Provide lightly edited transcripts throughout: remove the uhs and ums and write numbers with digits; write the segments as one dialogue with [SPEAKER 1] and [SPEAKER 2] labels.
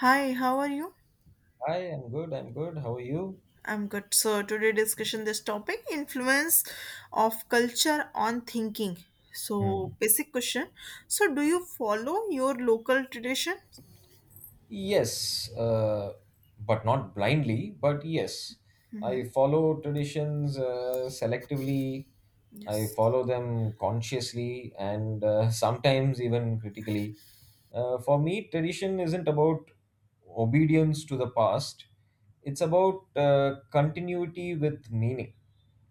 [SPEAKER 1] Hi, how are you?
[SPEAKER 2] Hi, I'm good. I'm good. How are you?
[SPEAKER 1] I'm good. So today discussion this topic influence of culture on thinking.
[SPEAKER 2] Hmm.
[SPEAKER 1] So basic question. So do you follow your local tradition?
[SPEAKER 2] Yes, but not blindly, but yes, I follow traditions selectively. I
[SPEAKER 1] Yes.
[SPEAKER 2] follow them consciously and sometimes even critically. For me, tradition isn't about obedience to the past, it's about continuity with meaning.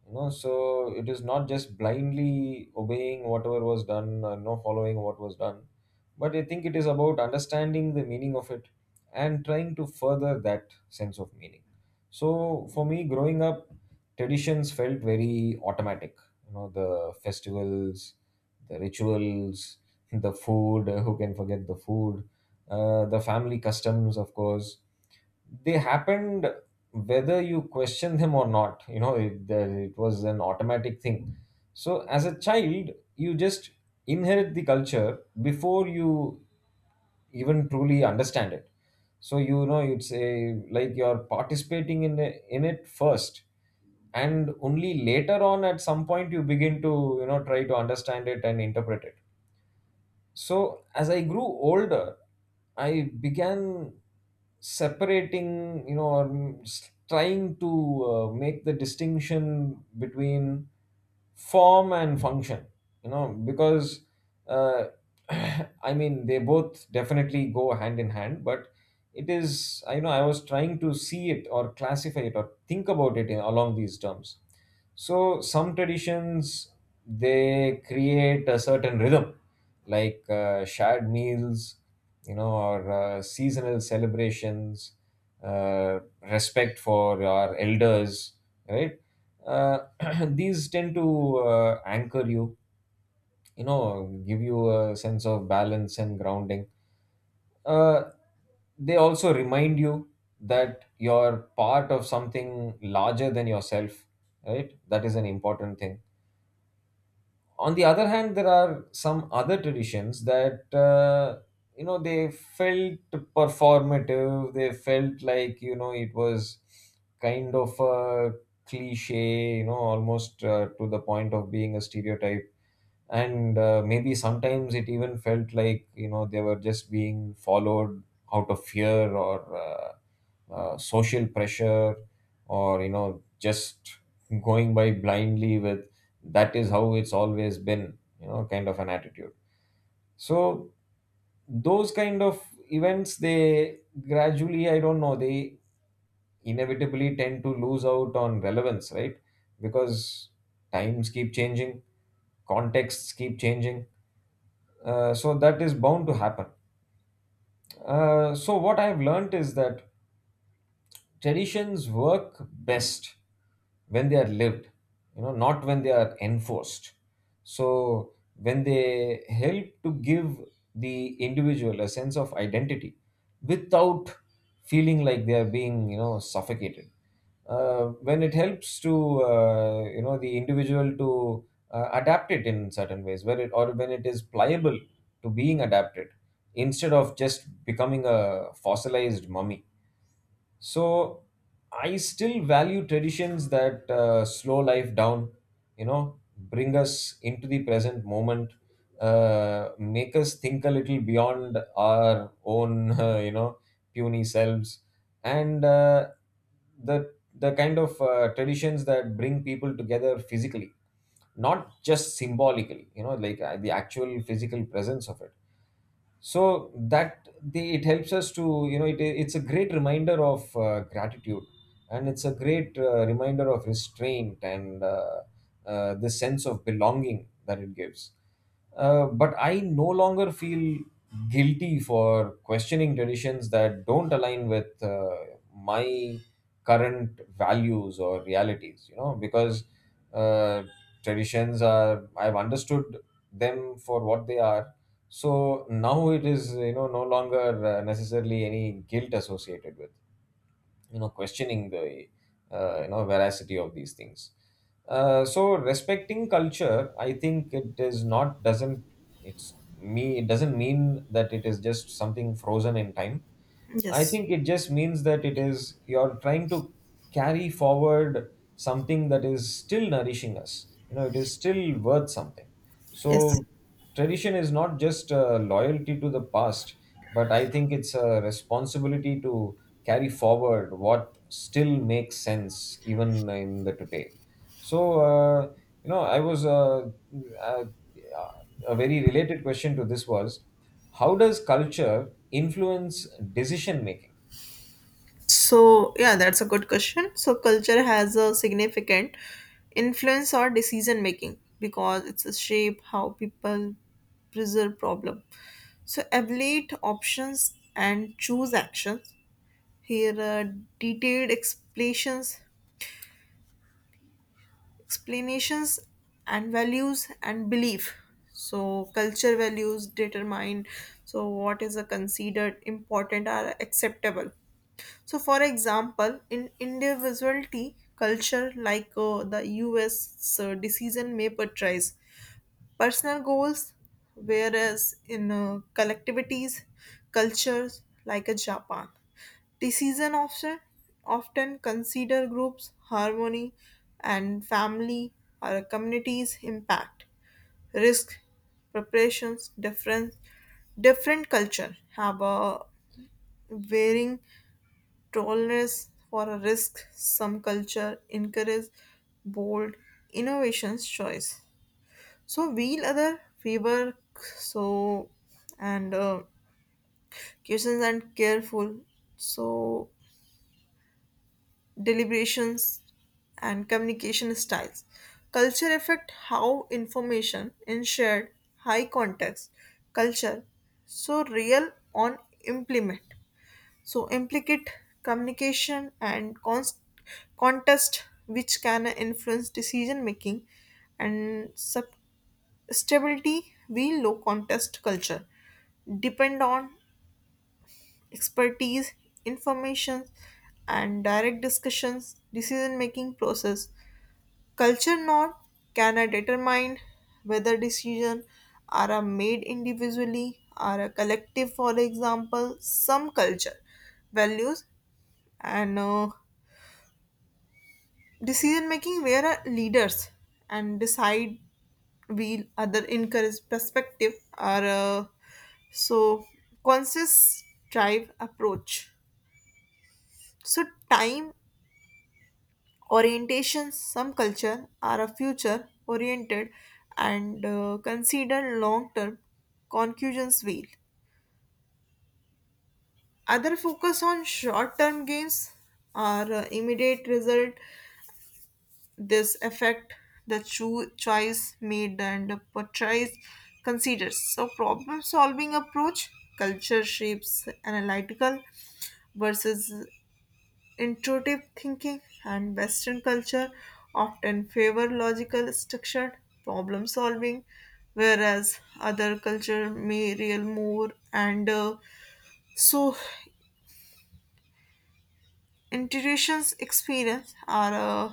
[SPEAKER 2] No, so it is not just blindly obeying whatever was done, no following what was done, but I think it is about understanding the meaning of it and trying to further that sense of meaning. So for me, growing up, traditions felt very automatic. You know, the festivals, the rituals, the food. Who can forget the food? The family customs, of course they happened whether you question them or not, you know it was an automatic thing. So as a child you just inherit the culture before you even truly understand it. So you know, you'd say, like, you're in it first, and only later on at some point you begin to, you know, try to understand it and interpret it. So as I grew older, I began separating, you know, or trying to make the distinction between form and function, you know, because uh, I mean, they both definitely go hand in hand, but it is, I know, I was trying to see it or classify it or think about it in, along these terms. So some traditions, they create a certain rhythm, like shared meals, you know, or seasonal celebrations, respect for our elders, right? Uh, these tend to anchor you, you know, give you a sense of balance and grounding. Uh, they also remind you that you're part of something larger than yourself, right? That is an important thing. On the other hand, there are some other traditions that, you know, they felt performative. They felt like, you know, it was kind of a cliche, you know, almost to the point of being a stereotype. And maybe sometimes it even felt like, you know, they were just being followed out of fear or social pressure, or, you know, just going by blindly with that is how it's always been, you know, kind of an attitude. So those kind of events, they gradually, I don't know, they inevitably tend to lose out on relevance, right? Because times keep changing, contexts keep changing. So that is bound to happen. So what I've learned is that traditions work best when they are lived, you know, not when they are enforced. So when they help to give the individual a sense of identity without feeling like they are being, you know, suffocated. uh, when it helps to, you know, the individual to adapt it in certain ways where it, or when it is pliable to being adapted, instead of just becoming a fossilized mummy. So I still value traditions that slow life down, you know, bring us into the present moment, make us think a little beyond our own you know, puny selves, and the kind of traditions that bring people together physically, not just symbolically, you know, like the actual physical presence of it. So that the it helps us to, you know, it's a great reminder of gratitude, and it's a great reminder of restraint, and the sense of belonging that it gives. But I no longer feel guilty for questioning traditions that don't align with my current values or realities, you know, because uh, traditions are, I've understood them for what they are. So now it is, you know, no longer necessarily any guilt associated with, you know, questioning the you know, veracity of these things. So respecting culture, I think it is not, doesn't, it's me, it doesn't mean that it is just something frozen in time. I
[SPEAKER 1] Yes.
[SPEAKER 2] think it just means that it is, you're trying to carry forward something that is still nourishing us. You know, it is still worth something.
[SPEAKER 1] Yes.
[SPEAKER 2] So tradition is not just a loyalty to the past, but I think it's a responsibility to carry forward what still makes sense even in the today. So you know, I was a very related question to this was, how does culture influence decision making?
[SPEAKER 1] So yeah, that's a good question. So culture has a significant influence or decision making because it's a shape how people preserve problem. So evaluate options and choose actions here, detailed explanations and values and belief. So culture values determine so what is considered important or acceptable. So, for example, in individuality culture, like the U.S., decision may portrays personal goals, whereas in collectivities, cultures like a Japan, decision often consider groups harmony and family or communities impact risk preparations different different culture have a varying tolerance for a risk, some culture encourage bold innovations choice, so wheel other fever. So and questions and careful, so deliberations and communication styles. Culture affect how information in shared high context culture, so real on implement, so implicate communication and contest which can influence decision making and sub stability. We low contest culture depend on expertise, information, and direct discussions, decision making process. Culture not can I determine whether decision are a made individually or a collective. For example, some culture values and decision making where are leaders and decide, will other encourage perspective are so conscious drive approach. So time orientation, some culture are a future oriented and consider long term conclusions will. Other focus on short term gains or immediate result, this affect the choice made and portrays considers so problem solving approach. Culture shapes analytical versus intuitive thinking, and western culture often favor logical structured problem solving, whereas other culture may rely more and so intuitions experience are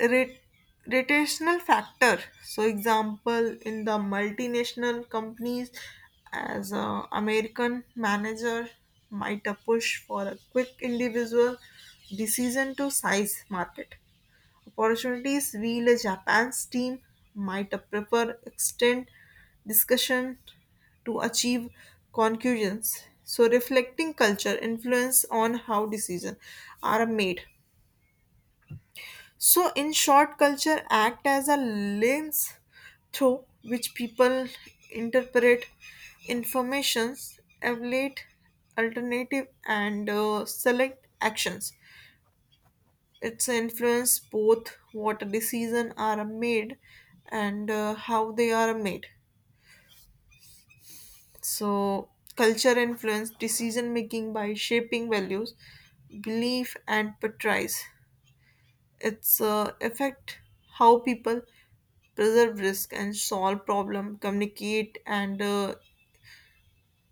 [SPEAKER 1] rate, rotational factor. So example in the multinational companies, as a american manager might a push for a quick individual decision to size market opportunities, while a japan's team might a prefer extend discussion to achieve conclusions, so reflecting culture influence on how decisions are made. So, in short, culture act as a lens through which people interpret informations, evaluate alternative, and select actions. It's influence both what decisions are made and how they are made. So, culture influence decision making by shaping values, belief, and portrays. It's affect how people preserve risk and solve problem, communicate and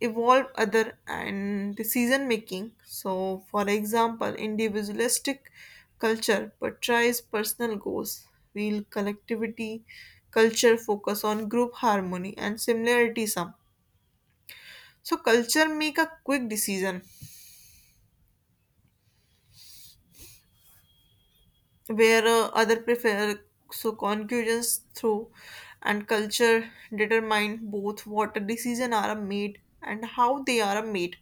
[SPEAKER 1] evolve other and decision making. So, for example, individualistic culture portrays personal goals, while collectivity culture focus on group harmony and similarity. Sum. So culture make a quick decision, where other prefer so concurrence through, and culture determine both what a decision are made and how they are made.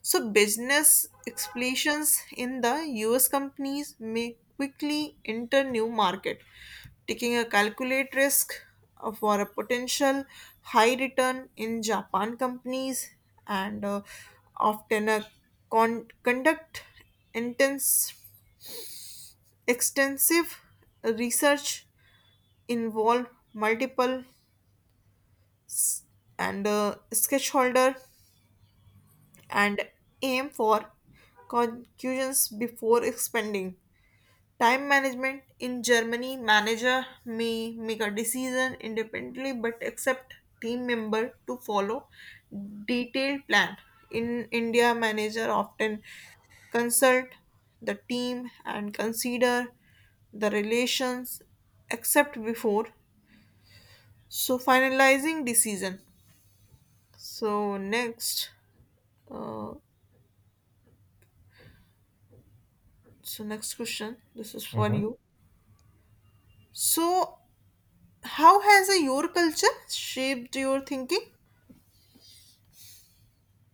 [SPEAKER 1] So business expansions in the US companies may quickly enter new market, taking a calculate risk for a potential high return. In japan companies, and often uh, conduct intense extensive research, involved multiple and stakeholder, and aim for conclusions before expanding. Time management in Germany, manager may make a decision independently but accept team member to follow detailed plan. In India, manager often consult the team and consider the relations except before so finalizing decision. So next, uh, so next question. This is for
[SPEAKER 2] Mhm.
[SPEAKER 1] you. So how has your culture shaped your thinking?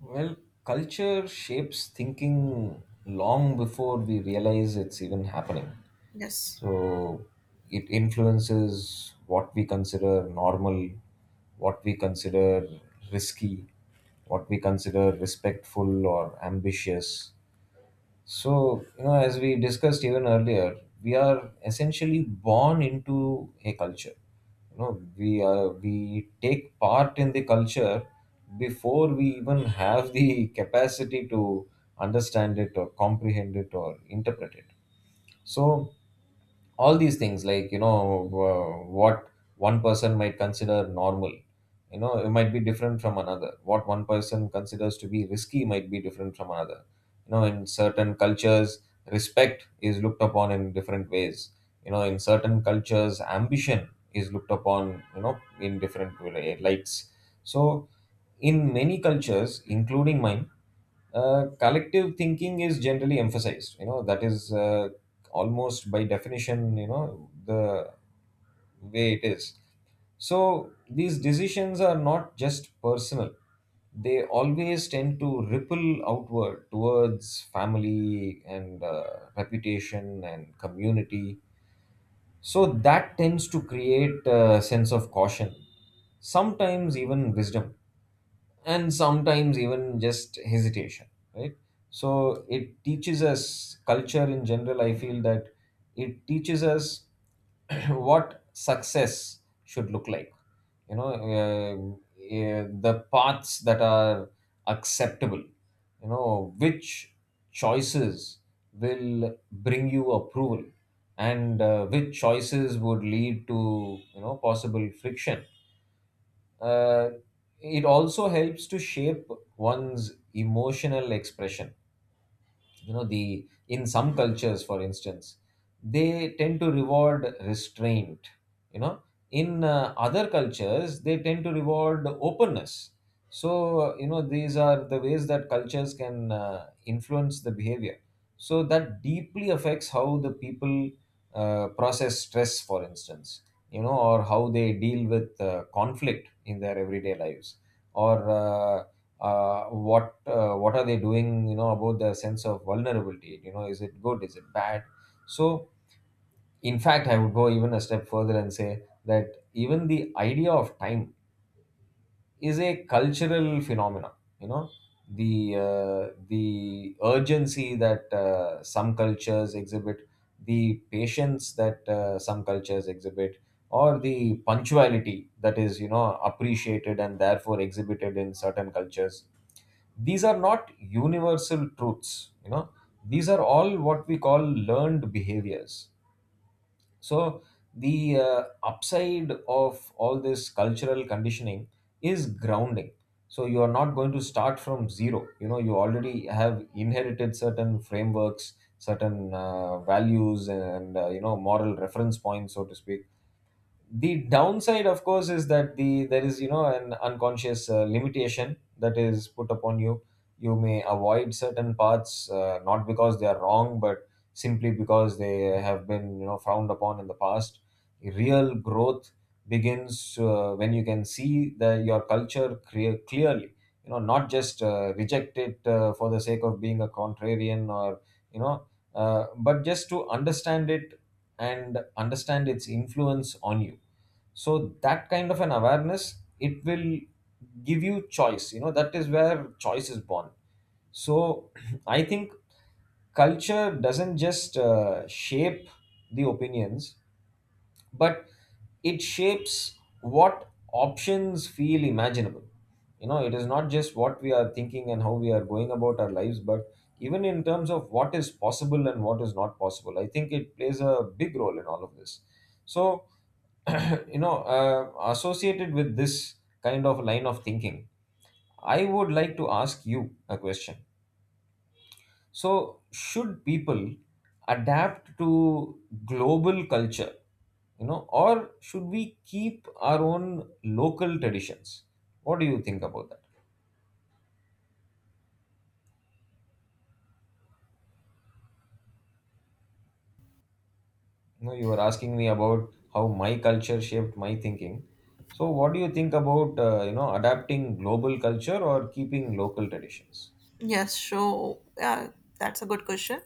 [SPEAKER 2] Well, culture shapes thinking long before we realize it's even happening.
[SPEAKER 1] Yes.
[SPEAKER 2] So it influences what we consider normal, what we consider risky, what we consider respectful or ambitious. So, you know, as we discussed even earlier, we are essentially born into a culture. You know, we take part in the culture before we even have the capacity to understand it or comprehend it or interpret it. So all these things, like, you know, what one person might consider normal, you know, it might be different from another. What one person considers to be risky might be different from another. You know, in certain cultures, respect is looked upon in different ways. You know, in certain cultures, ambition is looked upon, you know, in different lights. So in many cultures, including mine, collective thinking is generally emphasized, you know. That is almost by definition, you know, the way it is. So these decisions are not just personal, they always tend to ripple outward towards family and reputation and community. So that tends to create a sense of caution, sometimes even wisdom, and sometimes even just hesitation, right? So it teaches us, culture in general, I feel that it teaches us what success should look like, you know. uh, the paths that are acceptable, you know, which choices will bring you approval, and which choices would lead to, you know, possible friction. uh, it also helps to shape one's emotional expression, you know. The In some cultures, for instance, they tend to reward restraint, you know. In other cultures, they tend to reward openness. So, you know, these are the ways that cultures can influence the behavior. So that deeply affects how the people process stress, for instance, you know, or how they deal with conflict in their everyday lives, or what, what are they doing, you know, about their sense of vulnerability, you know, is it good, is it bad. So in fact, I would go even a step further and say that even the idea of time is a cultural phenomenon, you know. The urgency that some cultures exhibit, the patience that some cultures exhibit, or the punctuality that is, you know, appreciated and therefore exhibited in certain cultures, these are not universal truths, you know. These are all what we call learned behaviors. So the upside of all this cultural conditioning is grounding. So you are not going to start from zero, you know. You already have inherited certain frameworks, certain values and, you know, moral reference points, so to speak. The downside, of course, is that there is, you know, an unconscious limitation that is put upon you. You may avoid certain paths not because they are wrong, but simply because they have been, you know, frowned upon in the past. Real growth begins when you can see the your culture clearly, you know, not just reject it for the sake of being a contrarian or, you know, but just to understand it and understand its influence on you. So that kind of an awareness, it will give you choice, you know. That is where choice is born. So I think culture doesn't just shape the opinions, but it shapes what options feel imaginable. You know, it is not just what we are thinking and how we are going about our lives, but even in terms of what is possible and what is not possible. I think it plays a big role in all of this. So you know, associated with this kind of line of thinking, I would like to ask you a question. So should people adapt to global culture, you know, or should we keep our own local traditions? What do you think about that? You know, you were asking me about how my culture shaped my thinking. So what do you think about, you know, adapting global culture or keeping local traditions?
[SPEAKER 1] Yes, so yeah, that's a good question.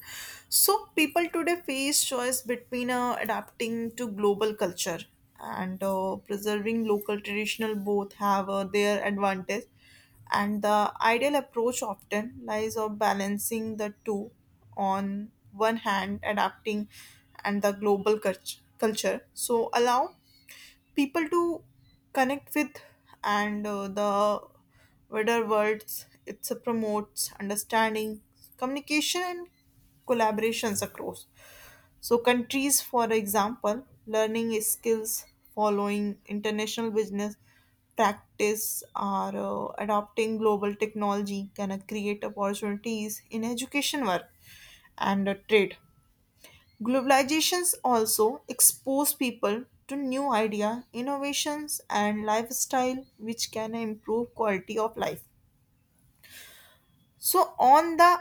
[SPEAKER 1] So people today face choice between adapting to global culture and preserving local traditional. Both have their advantage, and the ideal approach often lies of balancing the two. On one hand, adapting and the culture. So allow people to connect with and the wider worlds, it promotes understanding, communication and collaborations across so countries. For example, learning skills, following international business practice, or adopting global technology can create opportunities in education, work and trade. Globalizations also expose people to new idea, innovations and lifestyle which can improve quality of life. So on the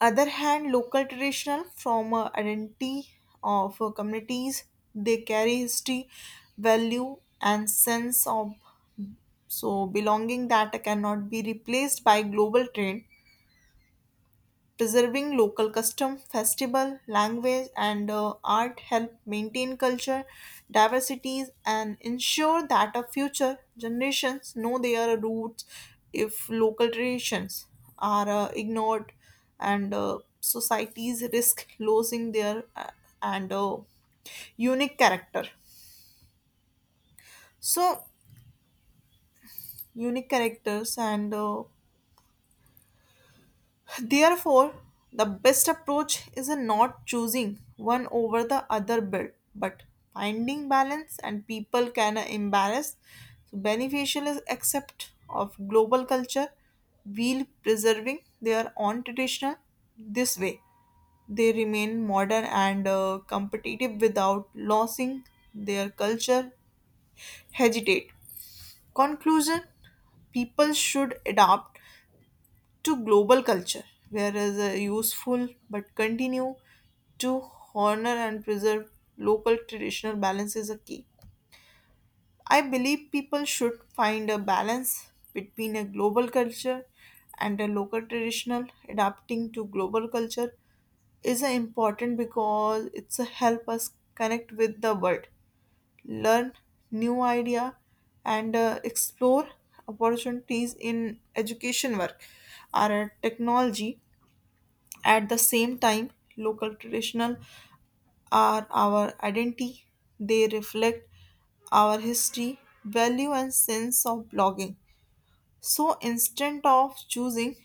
[SPEAKER 1] other hand, local traditional from a identity of communities, they carry history, value and sense of so belonging that cannot be replaced by global trend. Preserving local custom, festival, language, and art help maintain culture diversities and ensure that our future generations know their roots. If local traditions are ignored, and societies risk losing their and unique character, so unique characters and therefore, the best approach is not choosing one over the other, but finding balance, and people can embrace so beneficial is accept of global culture while preserving their own traditional. This way they remain modern and competitive without losing their culture. Hesitate conclusion. People should adapt to global culture, whereas a useful, but continue to honor and preserve local traditional. Balance is a key. I believe people should find a balance between a global culture and a local traditional. Adapting to global culture is a important because it's a help us connect with the world, learn new idea, and explore opportunities in education, work or technology. At the same time, local traditional are our identity. They reflect our history, value and sense of belonging. So instead of choosing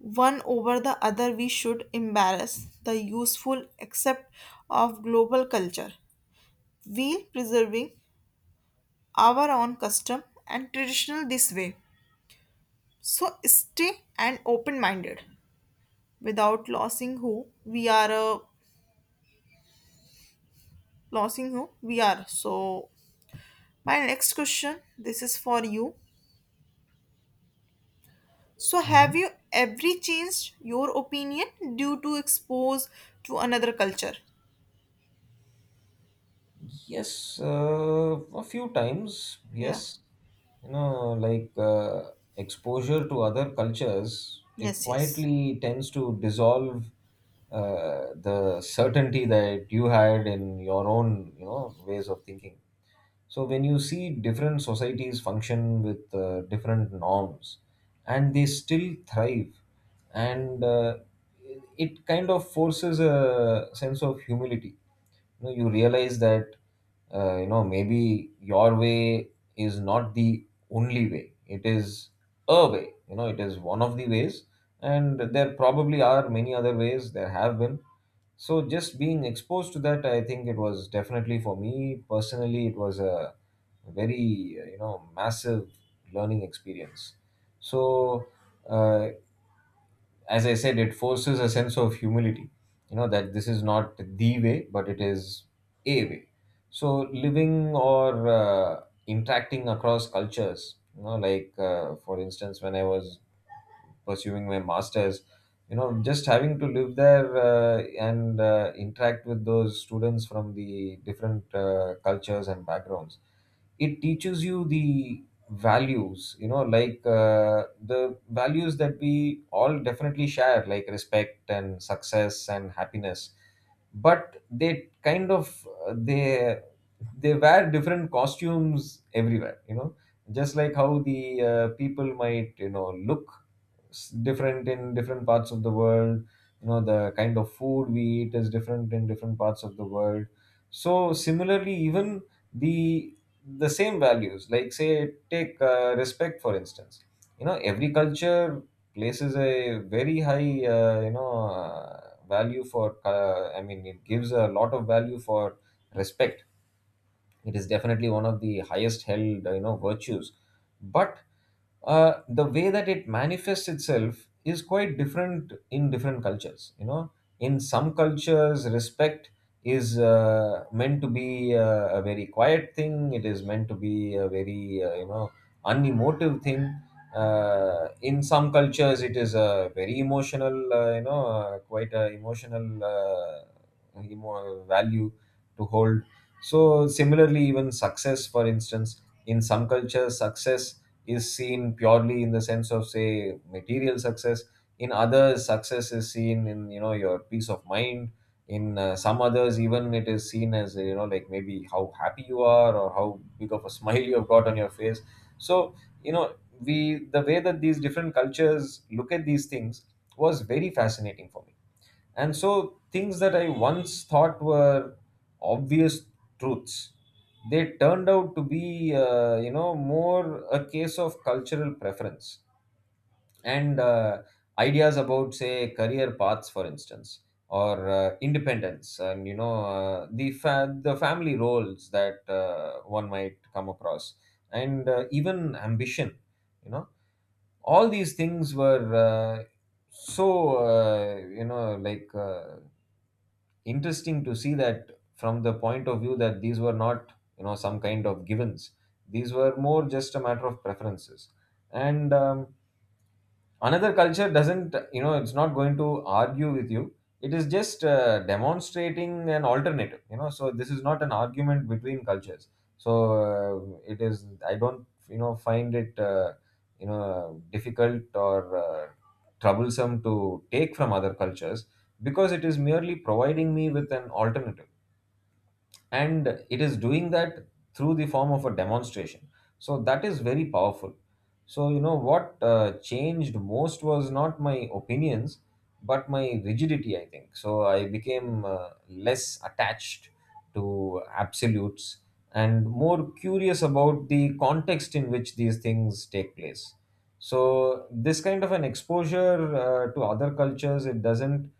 [SPEAKER 1] one over the other, we should embrace the useful accept of global culture. We preserving our own custom and traditional this way. So stay and open minded without losing who we are, So my next question, this is for you. So have
[SPEAKER 2] Mhm.
[SPEAKER 1] you ever changed your opinion due to expose to another culture?
[SPEAKER 2] Yes, a few times.
[SPEAKER 1] Yeah.
[SPEAKER 2] Yes, you know, like exposure to other cultures, it
[SPEAKER 1] Yes, yes.
[SPEAKER 2] quietly tends to dissolve the certainty that you had in your own, you know, ways of thinking. So when you see different societies function with different norms, and they still thrive, and it kind of forces a sense of humility. You know, you realize that maybe your way is not the only way. It is a way. You know, it is one of the ways, and there probably are many other ways. There have been, so just being exposed to that, I think it was definitely for me personally, it was a very massive learning experience. So uh, as I said, it forces a sense of humility. You know that this is not the way, but it is a way. So living or interacting across cultures, you know, for instance, when I was pursuing my masters, you know, just having to live there and interact with those students from the different cultures and backgrounds. It teaches you the values, the values that we all definitely share, like respect and success and happiness, but they kind of they wear different costumes everywhere, you know, just like how the people might, you know, look different in different parts of the world. You know, the kind of food we eat is different in different parts of the world. So similarly, even the the same values, like say take respect, for instance. You know, every culture places a very high, uh, you know uh, value for, I mean, it gives a lot of value for respect. It is definitely one of the highest held, you know, virtues. But the way that it manifests itself is quite different in different cultures, you know. In some cultures respect is meant to be a very quiet thing. It is meant to be a very, unemotive thing. In some cultures it is a very emotional, quite a emotional, value to hold. So similarly, even success, for instance, in some cultures, success is seen purely in the sense of, say, material success. In others, success is seen in, you know, your peace of mind. In some others, even it is seen as, you know, like maybe how happy you are or how big of a smile you have got on your face. So, you know, we the way that these different cultures look at these things was very fascinating for me. And so things that I once thought were obvious truths, they turned out to be, more a case of cultural preference, and ideas about, say, career paths, for instance, or independence, and the family roles that one might come across, and even ambition. You know, all these things were, so, uh, you know, like. Uh, interesting to see, that from the point of view that these were not, you know, some kind of givens. These were more just a matter of preferences. And another culture doesn't, you know, it's not going to argue with you. It is just demonstrating an alternative, you know. So this is not an argument between cultures. So it is, I don't, you know, find it difficult or troublesome to take from other cultures, because it is merely providing me with an alternative, and it is doing that through the form of a demonstration. So that is very powerful. So you know what changed most was not my opinions, but my rigidity, I think. So I became less attached to absolutes and more curious about the context in which these things take place. So this kind of an exposure to other cultures, it doesn't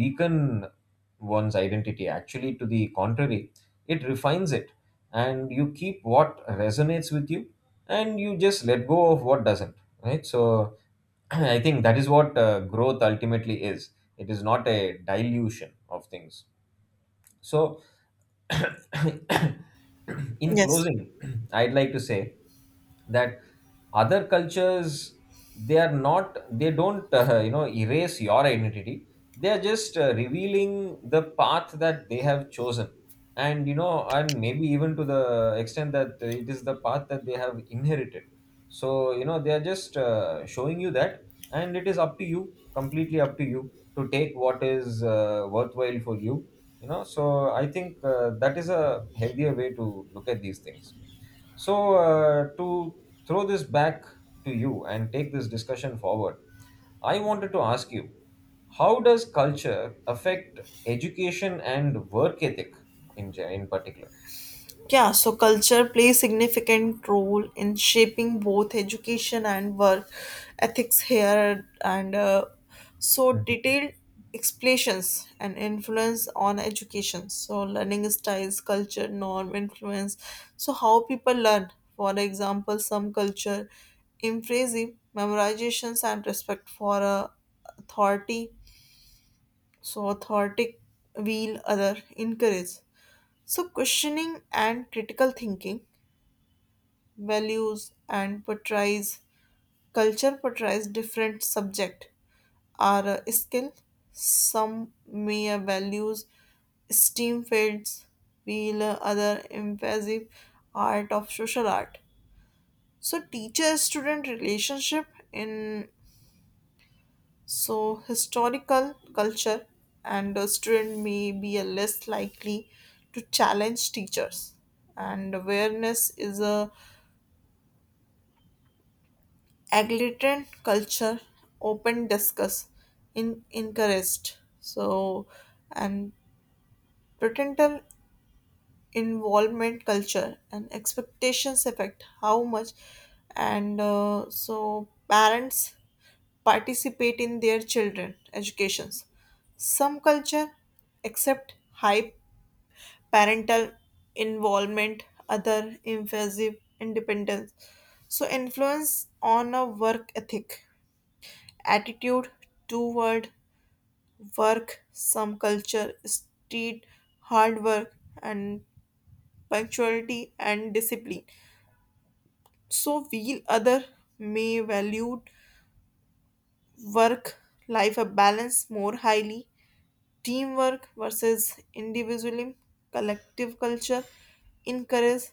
[SPEAKER 2] weaken one's identity. Actually, to the contrary, it refines it, and you keep what resonates with you, and you just let go of what doesn't, right? So I think that is what growth ultimately is. It is not a dilution of things. So in
[SPEAKER 1] Yes.
[SPEAKER 2] closing, I'd like to say that other cultures, they are not they don't, erase your identity. They are just revealing the path that they have chosen, and you know, and maybe even to the extent that it is the path that they have inherited. So you know, they are just showing you that, and it is up to you, completely up to you, to take what is worthwhile for you. You know, so I think that is a healthier way to look at these things. So to throw this back to you and take this discussion forward, I wanted to ask you, how does culture affect education and work ethic in particular?
[SPEAKER 1] Yeah, so culture plays significant role in shaping both education and work ethics here, and so
[SPEAKER 2] Mhm.
[SPEAKER 1] detailed explanations and influence on education. So learning styles, culture, norm, influence. So how people learn. For example, some culture emphasis memorizations and respect for authority. So authority will other encourage. So questioning and critical thinking, values and portrays, culture portrays different subject are a skill, some mere values steam fields, while other impressive art of social art, so teacher student relationship in so historical culture, and a student may be a less likely to challenge teachers, and awareness is a agrarian culture, open discuss in encouraged. So and parental involvement, culture and expectations affect how much and so parents participate in their children educations. Some culture accept high parental involvement, other emphasis independence. So influence on a work ethic, attitude toward work, some culture, street, hard work, and punctuality and discipline. So, while other may value work life a balance more highly, teamwork versus individualism, collective culture encourage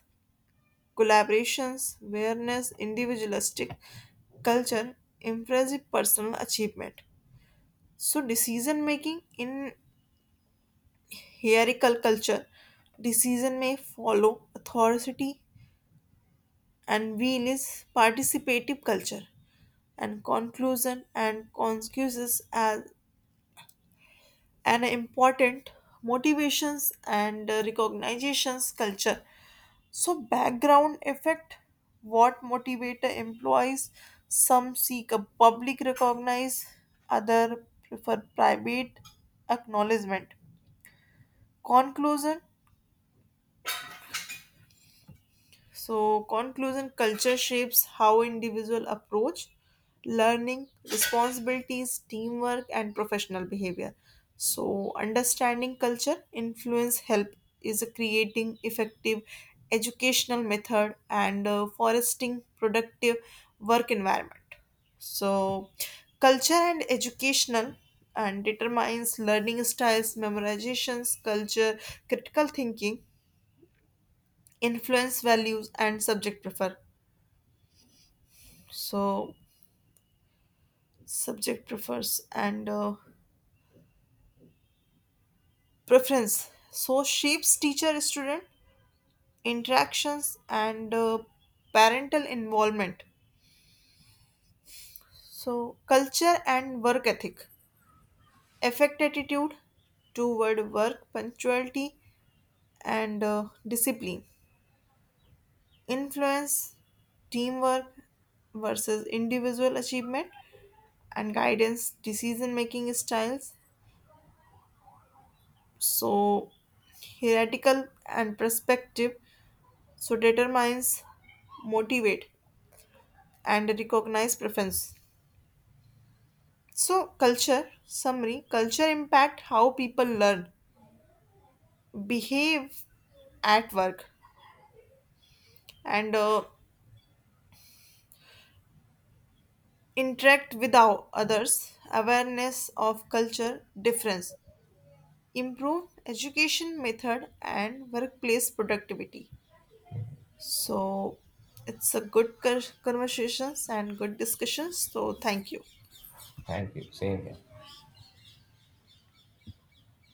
[SPEAKER 1] collaborations, whereas individualistic culture emphasizes personal achievement. So, decision making in hierarchical culture. Decision may follow authority, and will is participative culture and conclusion and consequences as an important motivations and recognitions culture. So background effect what motivator employees, some seek a public recognize, other prefer private acknowledgement. Conclusion. So, conclusion culture shapes how individual approach learning, responsibilities, teamwork, and professional behavior. So, understanding culture influence help is creating effective educational method and foresting productive work environment. So, culture and educational and determines learning styles, memorizations, culture, critical thinking, influence values, and subject prefer. So subject prefers and preference, so shapes teacher student interactions and parental involvement. So culture and work ethic affect attitude toward work, punctuality and discipline, influence teamwork versus individual achievement and guidance decision making styles. So hierarchical and perspective, so determines motivate and recognize preference. So culture summary, culture impact how people learn, behave at work, and interact with our others. Awareness of culture difference improve education method and workplace productivity. So it's a good conversations and good discussions, so thank you.
[SPEAKER 2] Thank you, same here.